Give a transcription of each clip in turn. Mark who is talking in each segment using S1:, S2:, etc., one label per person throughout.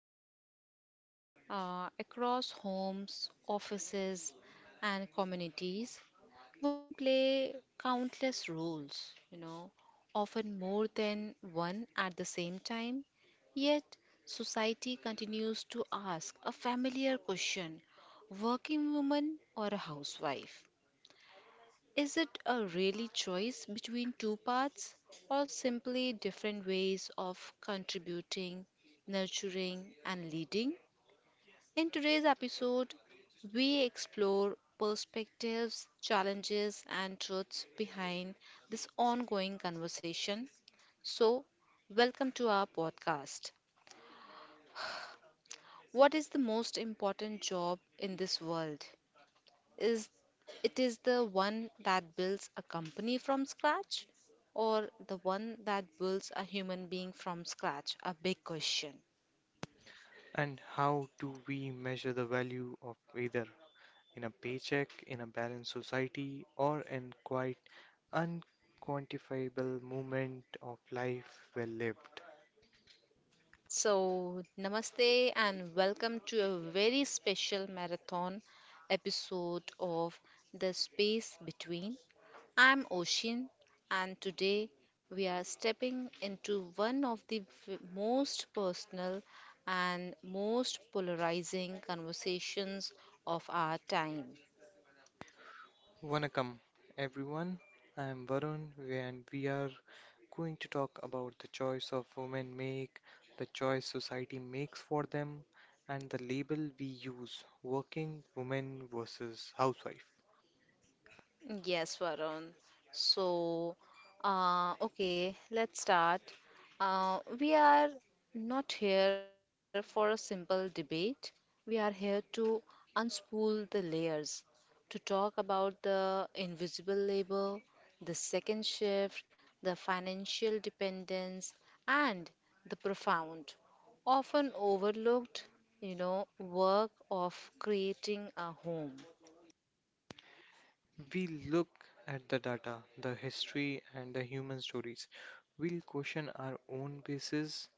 S1: everyone. Across homes, offices, and communities, women play countless roles, often more than one at the same time. Yet, society continues to ask a familiar question, working woman or a housewife? Is it a really choice between two paths or simply different ways of contributing, nurturing, and leading? In today's episode, we explore perspectives, challenges, and truths behind this ongoing conversation. So, welcome to our podcast. What is the most important job in this world? Is it is the one that builds a company from scratch or the one that builds a human being from scratch? A big question.
S2: And how do we measure the value of either in a paycheck, in a balanced society, or in quite unquantifiable moment of life well lived?
S1: So, namaste and welcome to a very special marathon episode of The Space Between. I'm Oshin, and today we are stepping into one of the most personal and most polarizing conversations of our time.
S2: Vanakkam, everyone. I am Varun, and we are going to talk about the choice of women make, the choice society makes for them, and the label we use working woman versus housewife.
S1: Yes, Varun. So, okay, let's start. We are not here for a simple debate. We are here to unspool the layers, to talk about the invisible labor, the second shift, the financial dependence, and the profound, often overlooked, work of creating a home.
S2: We look at the data, the history, and the human stories. We'll question our own basis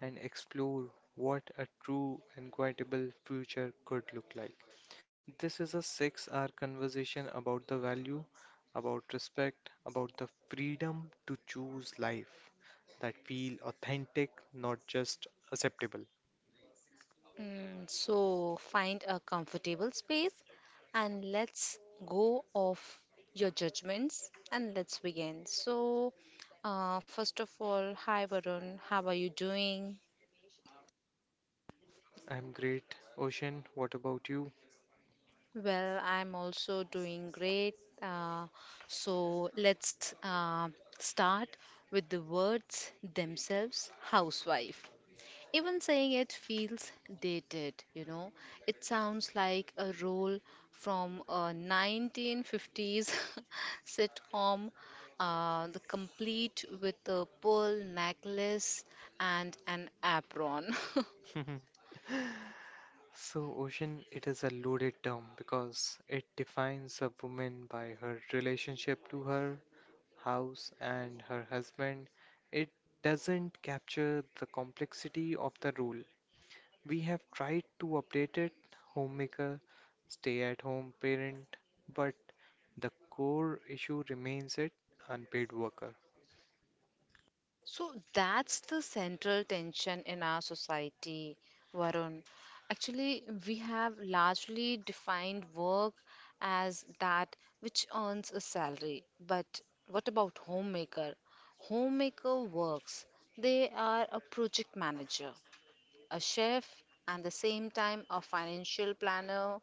S2: and explore what a true and quietable future could look like. This is a 6 hour conversation about the value, about respect, about the freedom to choose life that feel authentic, not just acceptable.
S1: So find a comfortable space and let's go off your judgments and let's begin. So, first of all, hi Varun, how are you doing?
S2: I'm great. Ocean, what about you?
S1: Well, I'm also doing great. Uh, so let's start with the words themselves, housewife. Even saying it feels dated, you know. It sounds like a role from a 1950s sitcom, the complete with a pearl necklace and an apron.
S2: So, ocean, it is a loaded term because it defines a woman by her relationship to her house and her husband. It doesn't capture the complexity of the role. We have tried to update it homemaker, stay at home parent, but the core issue remains it unpaid worker.
S1: So that's the central tension in our society, Varun. Actually, we have largely defined work as that which earns a salary. But what about homemaker? Homemaker works. They are a project manager, a chef, and the same time a financial planner,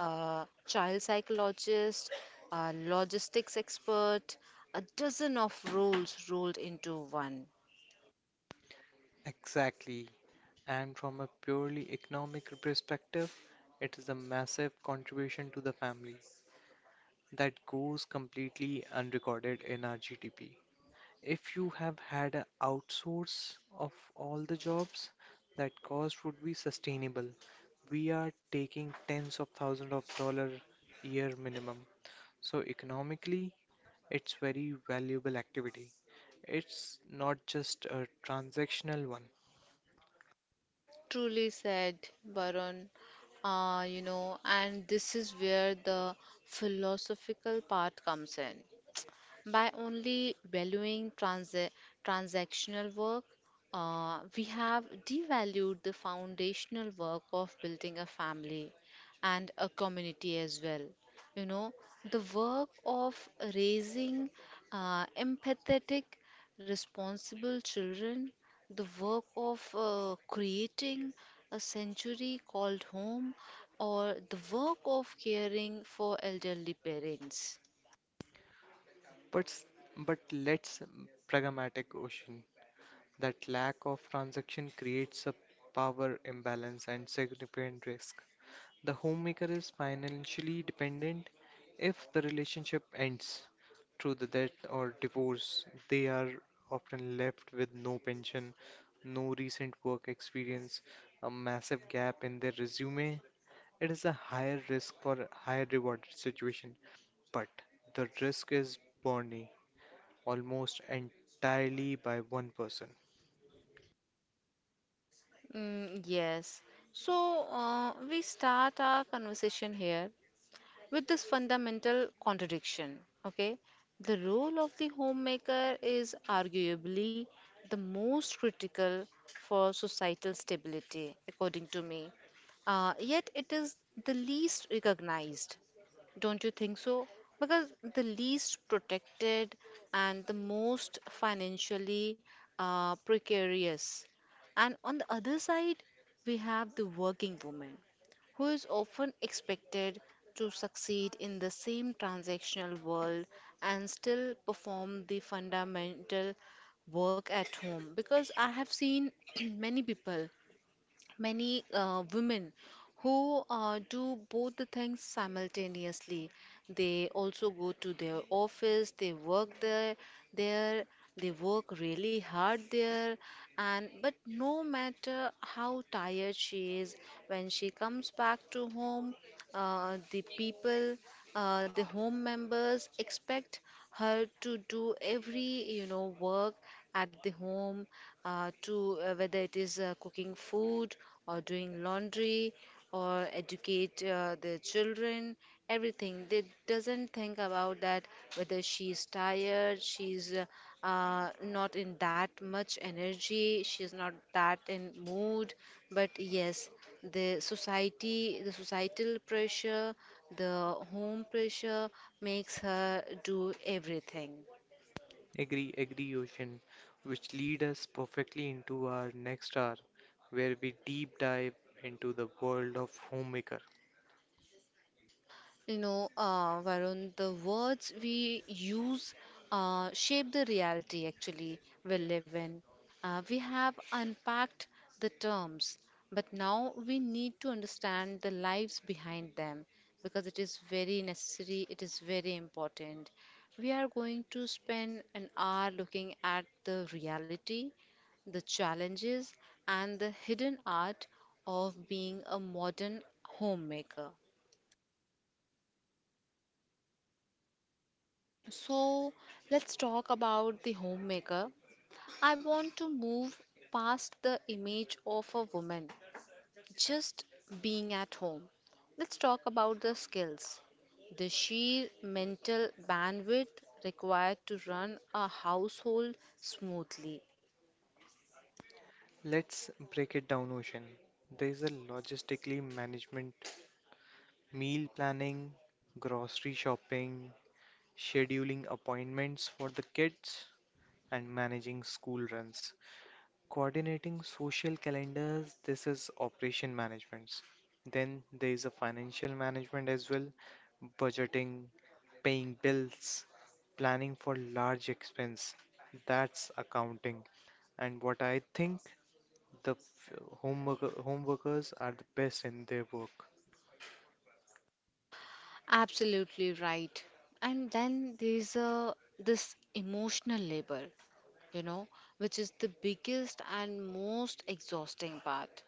S1: a child psychologist, a logistics expert, a dozen of roles rolled into one.
S2: Exactly. And from a purely economic perspective, it is a massive contribution to the family that goes completely unrecorded in our GDP. If you have had an outsource of all the jobs, that cost would be sustainable. We are taking tens of thousands of dollar year minimum. So economically, it's very valuable activity. It's not just a transactional one.
S1: Truly said, Baron. You know, and this is where the philosophical part comes in. By only valuing transactional work, we have devalued the foundational work of building a family and a community as well. You know, the work of raising empathetic, responsible children, the work of creating a sanctuary called home, or the work of caring for elderly parents.
S2: But s- but let's pragmatic ocean. That lack of transaction creates a power imbalance and significant risk. The homemaker is financially dependent if the relationship ends through the death or divorce. They are often left with no pension, no recent work experience, a massive gap in their resume. It is a higher risk for higher reward situation, but the risk is borne almost entirely by one person.
S1: Mm, yes. So, we start our conversation here with this fundamental contradiction. Okay, the role of the homemaker is arguably the most critical for societal stability, according to me. Yet it is the least recognized, don't you think so? Because the least protected and the most financially precarious. And on the other side, we have the working woman who is often expected to succeed in the same transactional world and still perform the fundamental work at home, because I have seen many people, many women who do both the things simultaneously. They also go to their office, they work there, there they work really hard there, and but no matter how tired she is when she comes back to home, uh, the people the home members expect her to do every you know work at the home, to whether it is cooking food or doing laundry or educate their children. Everything, they doesn't think about that whether she's tired, she's not in that much energy, she's not that in mood. But yes, the society, the societal pressure, the home pressure makes her do everything.
S2: Agree, Ocean, which lead us perfectly into our next hour, where we deep dive into the world of homemaker.
S1: You know, Varun, the words we use shape the reality actually we live in. We have unpacked the terms, but now we need to understand the lives behind them because it is very necessary, it is very important. We are going to spend an hour looking at the reality, the challenges, and the hidden art of being a modern homemaker. So let's talk about the homemaker. I want to move past the image of a woman just being at home. Let's talk about the skills, the sheer mental bandwidth required to run a household smoothly.
S2: Let's break it down, Ocean. There is a logistically management, meal planning, grocery shopping, scheduling appointments for the kids, and managing school runs. Coordinating social calendars, this is operation management. Then there is a financial management as well, budgeting, paying bills, planning for large expense. That's accounting. And what I think the f- home worker, home workers are the best in their work.
S1: Absolutely right. And then there's a this emotional labor, you know, which is the biggest and most exhausting part,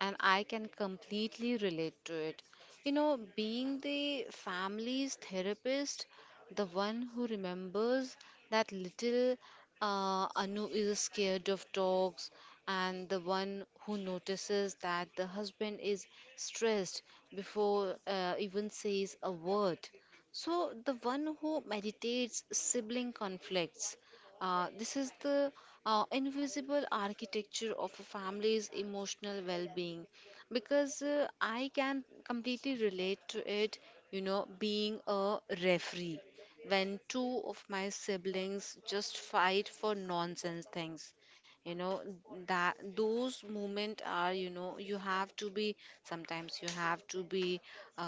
S1: and I can completely relate to it. You know, being the family's therapist, the one who remembers that little Anu is scared of dogs, and the one who notices that the husband is stressed before even says a word. So, the one who meditates sibling conflicts, this is the invisible architecture of a family's emotional well being, because I can completely relate to it, you know, being a referee when two of my siblings just fight for nonsense things, you know, that those moments are, you know, you have to be, sometimes you have to be uh,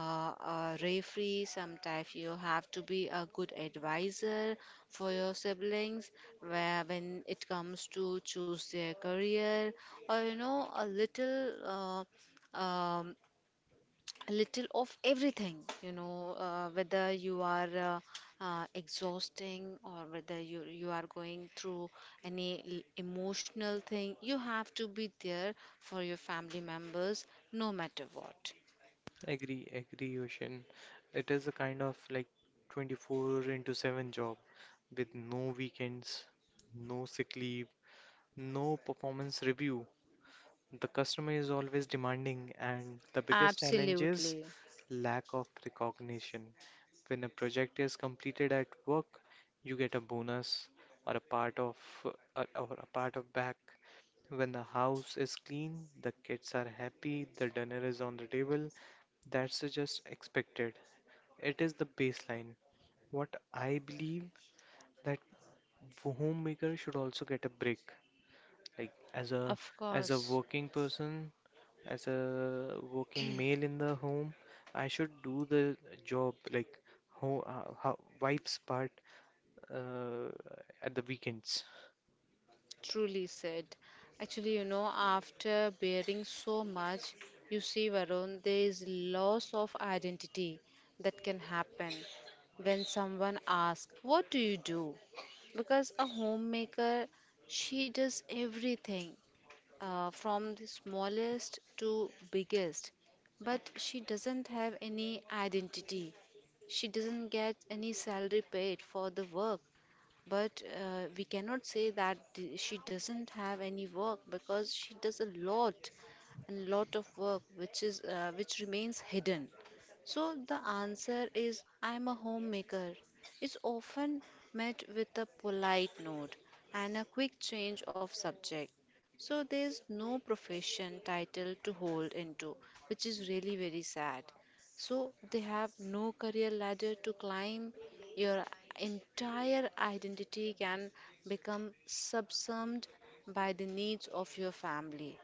S1: a referee, sometimes you have to be a good advisor for your siblings where when it comes to choose their career, or you know, a little of everything. You know, whether you are exhausting, or whether you are going through any emotional thing, you have to be there for your family members no matter what.
S2: Agree, Ocean. It is a kind of like 24 into 7 job with no weekends, no sick leave, no performance review. The customer is always demanding, and the biggest challenge is
S1: Absolutely.
S2: lack of recognition. When a project is completed at work, you get a bonus or a part of or a part of back. When the house is clean, the kids are happy, the dinner is on the table. That's just expected. It is the baseline. What I believe that homemaker should also get a break. Like
S1: Of
S2: as a
S1: course.
S2: working person, as a working male in the home, I should do the job like ho how wife's part uh, at the weekends.
S1: Truly said. Actually, you know, after bearing so much, you see, Varun, there is loss of identity that can happen when someone asks, "What do you do?" Because a homemaker, she does everything from the smallest to biggest, but she doesn't have any identity. She doesn't get any salary paid for the work. But we cannot say that she doesn't have any work, because she does a lot and lot of work which is which remains hidden. So the answer is "I'm a homemaker" is often met with a polite nod and a quick change of subject. So there's no profession title to hold into, which is really very sad. So they have no career ladder to climb. Your entire identity can become subsumed by the needs of your family,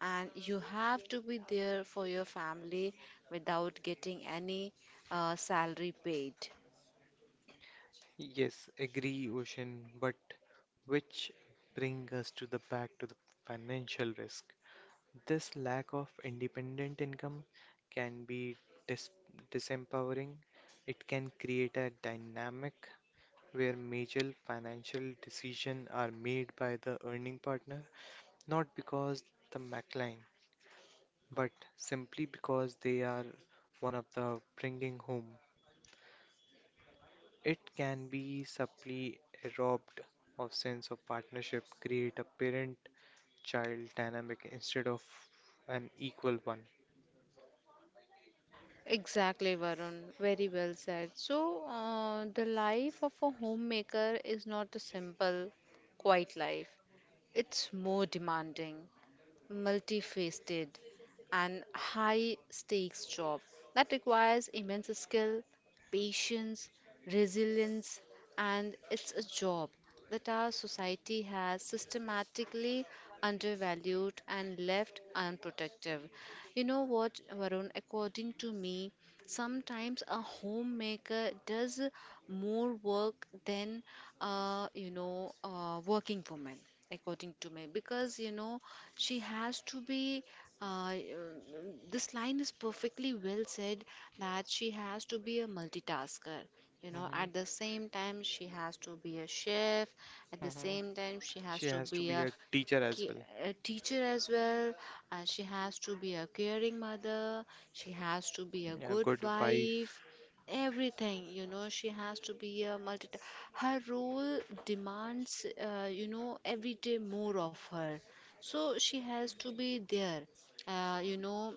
S1: and you have to be there for your family without getting any salary paid.
S2: Yes, agree, Ocean, but which bring us to the back to the financial risk. This lack of independent income can be dis disempowering. It can create a dynamic where major financial decisions are made by the earning partner not because the McLean, but simply because they are one of the bringing home. It can be subtly robbed of sense of partnership, create a parent-child dynamic instead of an equal one.
S1: Exactly, Varun. Very well said. So, the life of a homemaker is not a simple, quiet life. It's more demanding, multifaceted, and high stakes job that requires immense skill, patience, resilience, and it's a job that our society has systematically undervalued and left unprotective. You know what, Varun, according to me, sometimes a homemaker does more work than working woman, according to me, because you know she has to be. Uh, this line is perfectly well said that she has to be a multitasker. You know,
S2: hmm
S1: at the same time she has to be a chef. At the
S2: hmm
S1: same time she has
S2: She
S1: to
S2: has to
S1: be
S2: be
S1: a
S2: a teacher as
S1: ki-
S2: well,
S1: a teacher as well. She has to be a caring mother. She has to be a
S2: a
S1: good
S2: good wife.
S1: wife. Everything, you know, she has to be a multi. Her role demands, you know, every day more of her. So she has to be there, uh, you know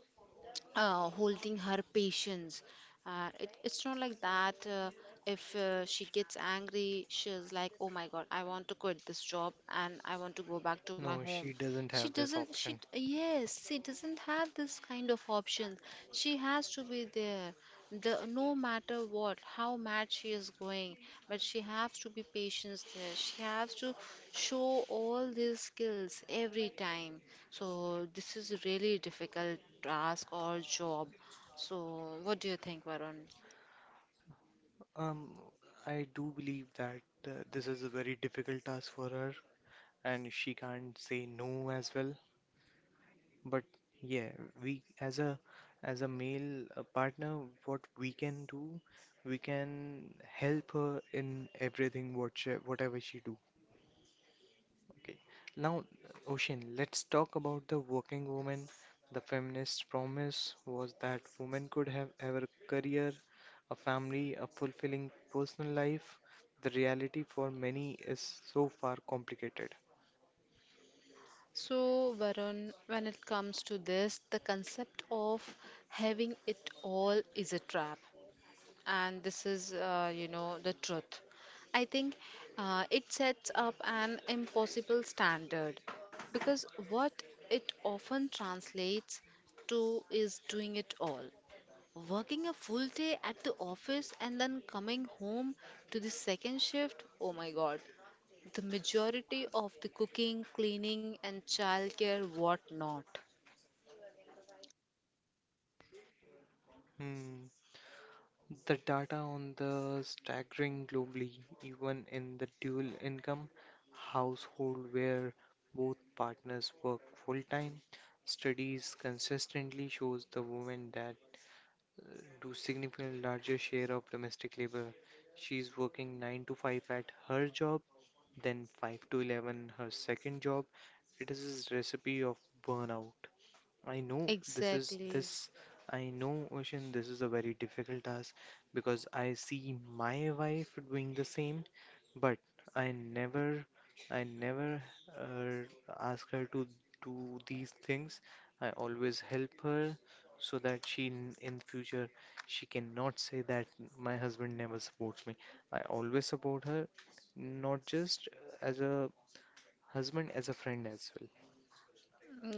S1: holding her patience. It's not like that. If she gets angry, she's like, "Oh my God, I want to quit this job and I want to go back to my
S2: No,
S1: home."
S2: she doesn't
S1: She
S2: have this
S1: doesn't.
S2: option.
S1: Yes, she doesn't have this kind of option. She has to be there. No matter what, how mad she is going, but she has to be patient there. She has to show all these skills every time. So this is a really difficult task or job. So what do you think, Varun?
S2: Um, I do believe that this is a very difficult task for her, and she can't say no as well. But yeah, we as a male partner, what we can do, we can help her in everything what she, whatever she do. Okay. Now, Ocean, let's talk about the working woman. The feminist promise was that women could have ever a career, a family, a fulfilling personal life. The reality for many is so far complicated.
S1: So, Varun, when it comes to this, the concept of having it all is a trap, and this is you know, the truth, I think. It sets up an impossible standard, because what it often translates to is doing it all, working a full day at the office and then coming home to the second shift. Oh my God, the majority of the cooking, cleaning, and childcare, what not.
S2: Hmm. The data on the staggering globally, even in the dual income household where both partners work full time, studies consistently shows the woman that do significantly larger share of domestic labor. She's working 9 to 5 at her job, then 5 to 11 her second job. It is a recipe of burnout. I know this is
S1: Exactly.
S2: this. I know, Ocean, this is a very difficult task because I see my wife doing the same, but I never, I never ask her to do these things. I always help her so that in future she cannot say that my husband never supports me. I always support her, not just as a husband, as a friend as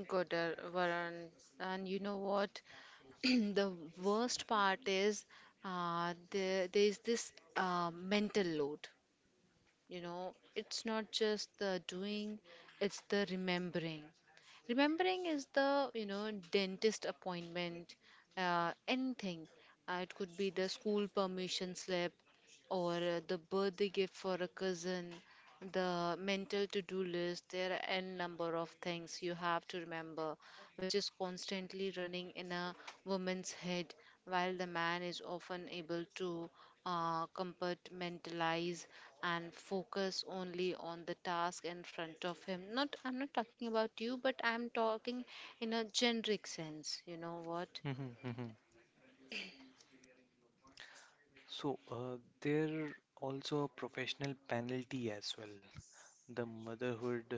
S1: Good, Varun. And you know what? The worst part is, there's this mental load. You know, it's not just the doing, it's the remembering. Remembering is the, you know, dentist appointment, anything. It could be the school permission slip or the birthday gift for a cousin, the mental to do list. There are n number of things you have to remember which is constantly running in a woman's head, while the man is often able to compartmentalize and focus only on the task in front of him. Not, I'm not talking about you, but I'm talking in a generic sense. You know what?
S2: well. So, there also a professional penalty as well. The motherhood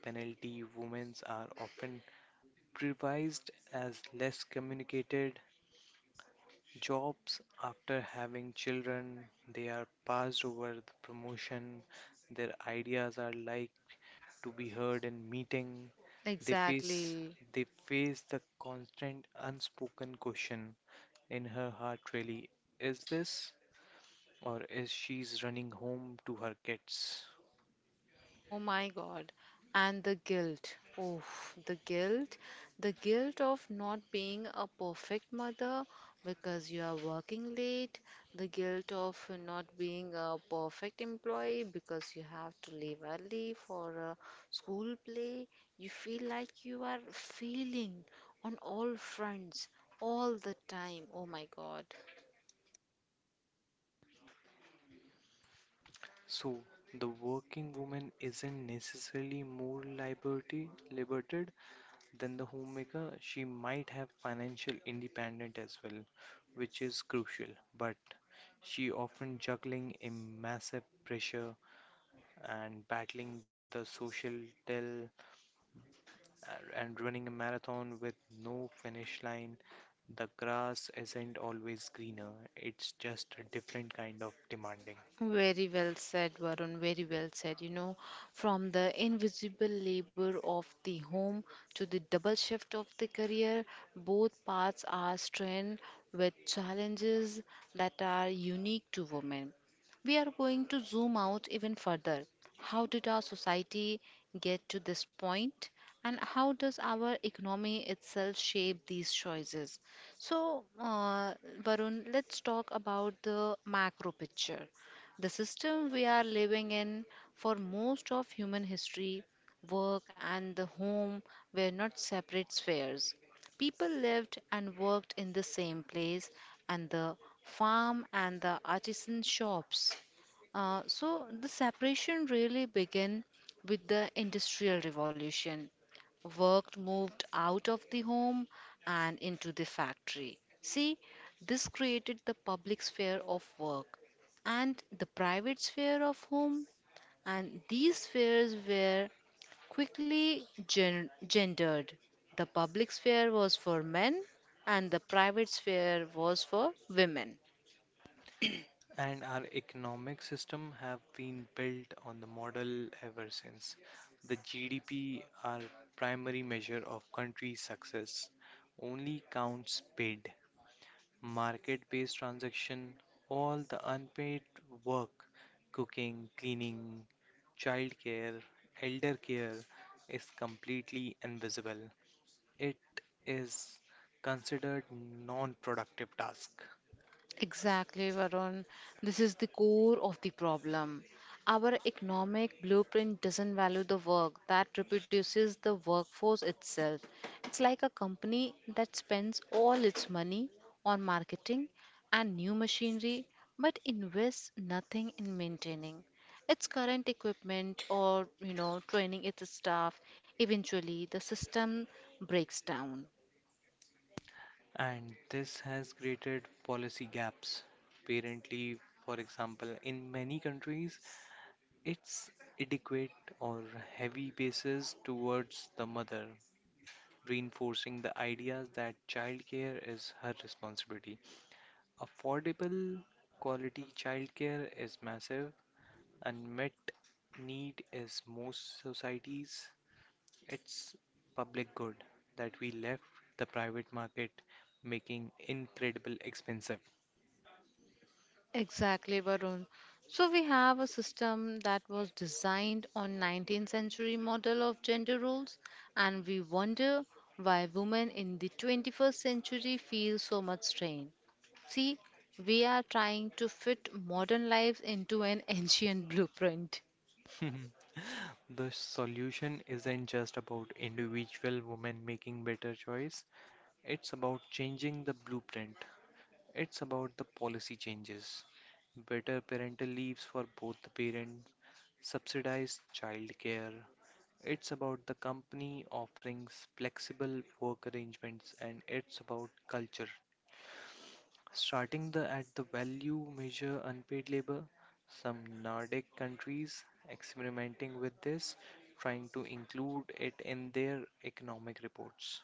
S2: penalty women are often privileged as less communicated jobs after having children. They are passed over the promotion. Their ideas are like to be heard in meeting. They face
S1: Exactly.
S2: they face the constant unspoken question in her heart really, is this or is she's running home to her kids.
S1: Oh my God. And the guilt. Oh, the guilt. The guilt of not being a perfect mother because you are working late. The guilt of not being a perfect employee because you have to leave early for a school play. You feel like you are failing on all fronts all the time. Oh my God.
S2: So the working woman isn't necessarily more liberty liberated than the homemaker. She might have financial independence as well, which is crucial, but she often juggling a massive pressure and battling the social tell and running a marathon with no finish line the grass isn't always greener, it's just a different kind of demanding.
S1: Very well said, Varun. Very well said. You know, from the invisible labor of the home to the double shift of the career, both paths are strained with challenges that are unique to women. We are going to zoom out even further. How did our society get to this point, and how does our economy itself shape these choices? So, uh, Varun, let's talk about the macro picture. The system we are living in, for most of human history, work and the home were not separate spheres. People lived and worked in the same place, and the farm and the artisan shops. So the separation really began with the Industrial Revolution. Work moved out of the home and into the factory. See, this created the public sphere of work and the private sphere of home, and these spheres were quickly gendered. The public sphere was for men, and the private sphere was for women.
S2: And our economic system have been built on the model ever since. The GDP, our primary measure of country's success, only counts paid, market-based transaction, all the unpaid work, cooking, cleaning, childcare, elder care is completely invisible. It is considered non-productive task.
S1: Exactly, Varun. This is the core of the problem. Our economic blueprint doesn't value the work that reproduces the workforce itself. It's like a company that spends all its money on marketing and new machinery but invests nothing in maintaining its current equipment, or training its staff. Eventually the system breaks down.
S2: And this has created policy gaps. Parent leave, for example, in many countries, it's adequate or heavy basis towards the mother, reinforcing the ideas that childcare is her responsibility. Affordable quality childcare is massive, unmet need is most societies. It's public good that we left the private market making incredible expensive.
S1: Exactly, Varun. So we have a system that was designed on 19th century model of gender roles, and we wonder why women in the 21st century feel so much strain. See, we are trying to fit modern lives into an ancient blueprint.
S2: Mhm. The solution isn't just about individual women making better choice. It's about changing the blueprint. It's about the policy changes. Better parental leaves for both the parents, subsidized childcare. It's about the company offerings flexible work arrangements and it's about culture. Starting the at the value measure unpaid labor, some Nordic countries experimenting with this, trying to include it in their economic reports.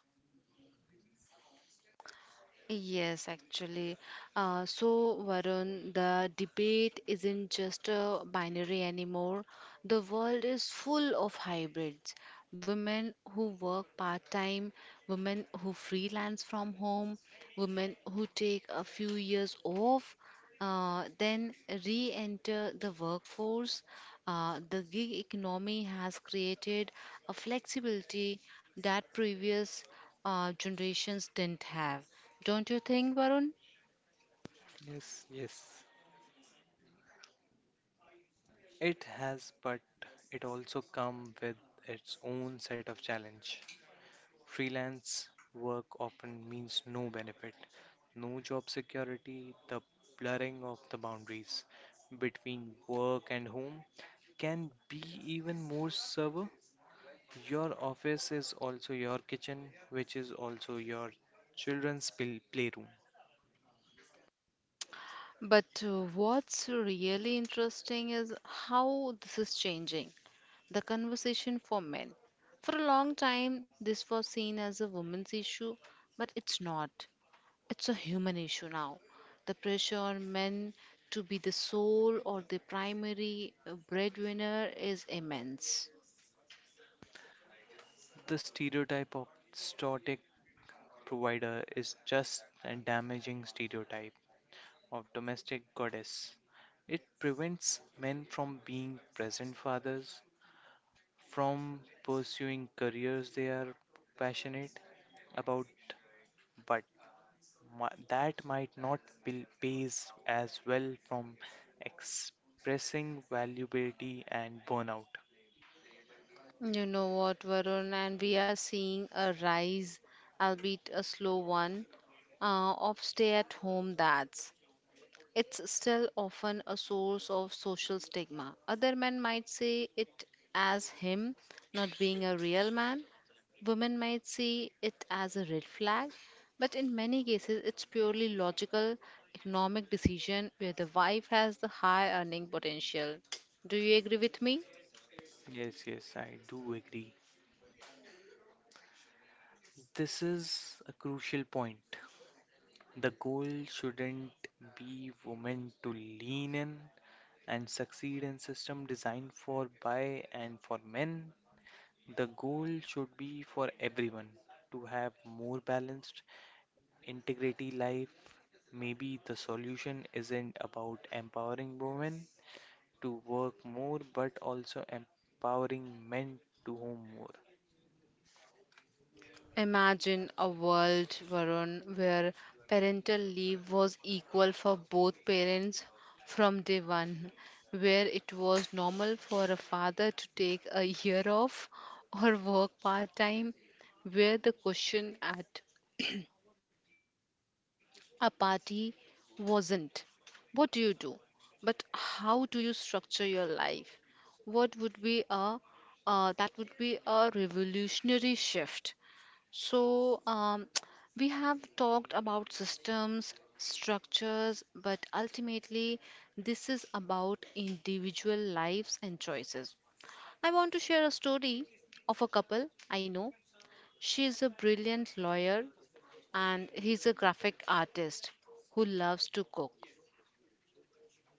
S1: Yes, actually. So, Varun, the debate isn't just a binary anymore. The world is full of hybrids. Women who work part-time, women who freelance from home, women who take a few years off, then re-enter the workforce. The gig economy has created a flexibility that previous generations didn't have. Don't you think, Varun?
S2: Yes, yes. It has, but it also come with its own set of challenge. Freelance work often means no benefit, no job security, the blurring of the boundaries between work and home can be even more severe. Your office is also your kitchen, which is also your playroom.
S1: But what's really interesting is how this is changing the conversation for men. For a long time, this was seen as a woman's issue, but it's not. It's a human issue now. The pressure on men to be the sole or the primary breadwinner is immense.
S2: The stereotype of static provider is just a damaging stereotype of domestic goddess. It prevents men from being present fathers, from pursuing careers they are passionate about, but that might not pay pays as well from expressing valuability and burnout.
S1: You know what, Varun, and we are seeing a rise, albeit a slow one, of stay at home dads. It's still often a source of social stigma. Other men might see it as him not being a real man. Women might see it as a red flag. But in many cases, it's purely logical economic decision where the wife has the high earning potential. Do you agree with me?
S2: Yes, yes, I do agree. This is a crucial point. The goal shouldn't be women to lean in and succeed in system designed for by and for men. The goal should be for everyone to have more balanced, integrity life, maybe the solution isn't about empowering women to work more but also empowering men to home more.
S1: Imagine a world, Varun, where parental leave was equal for both parents from day one, where it was normal for a father to take a year off or work part time, where the question at a party wasn't what do you do, but how do you structure your life? What would be a that would be a revolutionary shift. So, we have talked about systems, structures, but ultimately, this is about individual lives and choices. I want to share a story of a couple I know. She is a brilliant lawyer, and he's a graphic artist who loves to cook.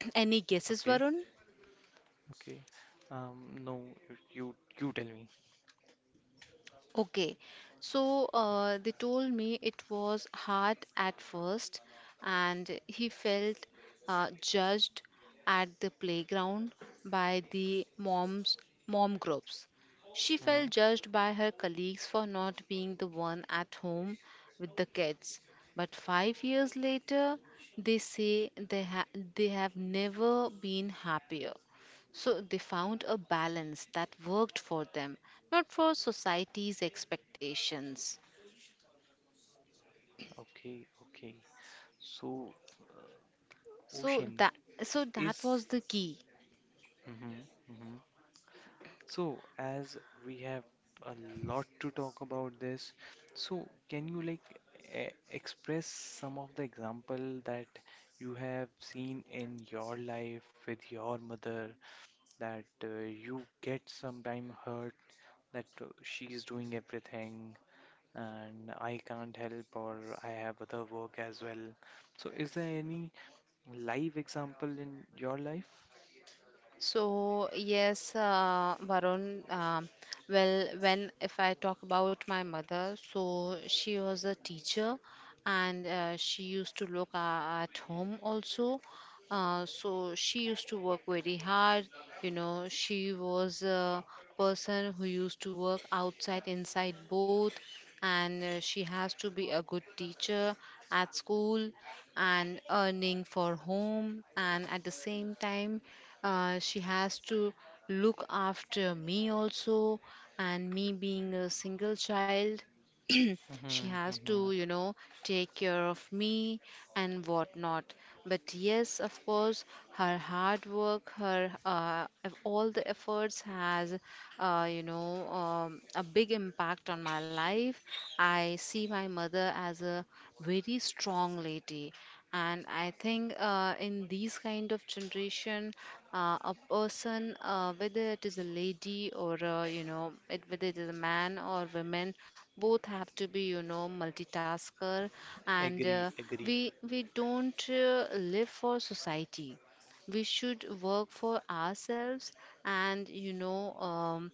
S1: Any guesses,
S2: Okay,
S1: Varun?
S2: okay. No, you you tell me.
S1: Okay, so they told me it was hard at first, and he felt judged at the playground by the mom groups. She
S2: Hmm.
S1: felt judged by her colleagues for not being the one at home with the kids. But 5 years later, they say they have never been happier. So they found a balance that worked for them, not for society's expectations.
S2: Okay, okay. So, uh,
S1: so
S2: ocean
S1: that so that
S2: is.
S1: was the key.
S2: Mm-hmm. So, as we have a lot to talk about this, so can you like e express some of the example that you have seen in your life with your mother that you get sometime hurt that she's doing everything and I can't help or I have other work as well. So, is there any live example in your life?
S1: So yes, Varun. Well, when if I talk about my mother, so she was a teacher, and she used to look at home also. So she used to work very hard. You know, she was a person who used to work outside, inside both, and she has to be a good teacher at school and earning for home, and at the same time. She has to look after me also, and me being a single child,
S2: Mm-hmm,
S1: she has
S2: mm-hmm.
S1: to, you know, take care of me and whatnot. But yes, of course, her hard work, her of all the efforts has, you know, a big impact on my life. I see my mother as a very strong lady, and I think in these kind of generation, a person, whether it is a lady or whether it is a man or women, both have to be, you know, multitasker, and
S2: Agree, agree.
S1: we don't live for society, we should work for ourselves, and you know,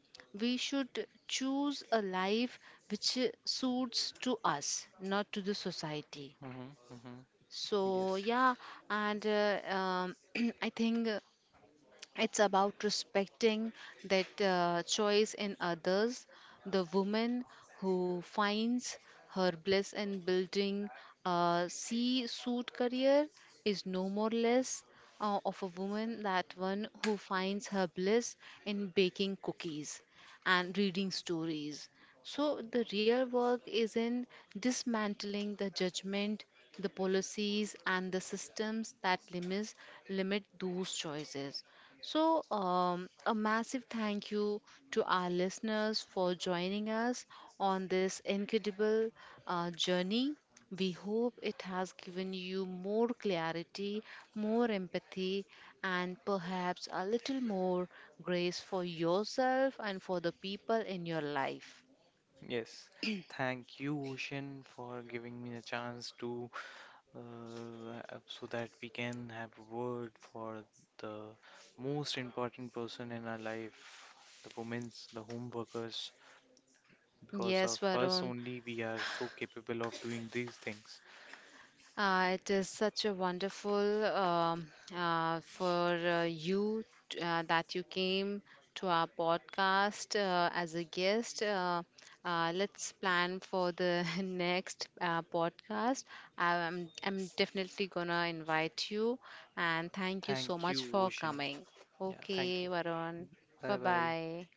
S1: we should choose a life which suits to us, not to the society.
S2: Mm-hmm, mm-hmm.
S1: So
S2: Yes,
S1: yeah, and I think it's about respecting that choice in others. The woman who finds her bliss in building a sea suit career is no more less of a woman that one who finds her bliss in baking cookies and reading stories. So the real work is in dismantling the judgment, the policies, and the systems that limit those choices. So, a massive thank you to our listeners for joining us on this incredible journey. We hope it has given you more clarity, more empathy, and perhaps a little more grace for yourself and for the people in your life.
S2: yes. Thank you, Ocean, for giving me the chance to uh, so that we can have a word for the most important person in our life, the women's, the home workers. Because
S1: Yes,
S2: of us
S1: Varun.
S2: only, we are so capable of doing these things.
S1: It is such a wonderful for you that you came to our podcast as a guest. Let's plan for the next podcast. I'm
S2: Yes.
S1: definitely gonna invite you, and thank you so
S2: Thank
S1: much
S2: you,
S1: for
S2: Ocean.
S1: coming.
S2: Yeah, thank
S1: Okay,
S2: you.
S1: Varun.
S2: Bye
S1: Bye
S2: bye.
S1: bye.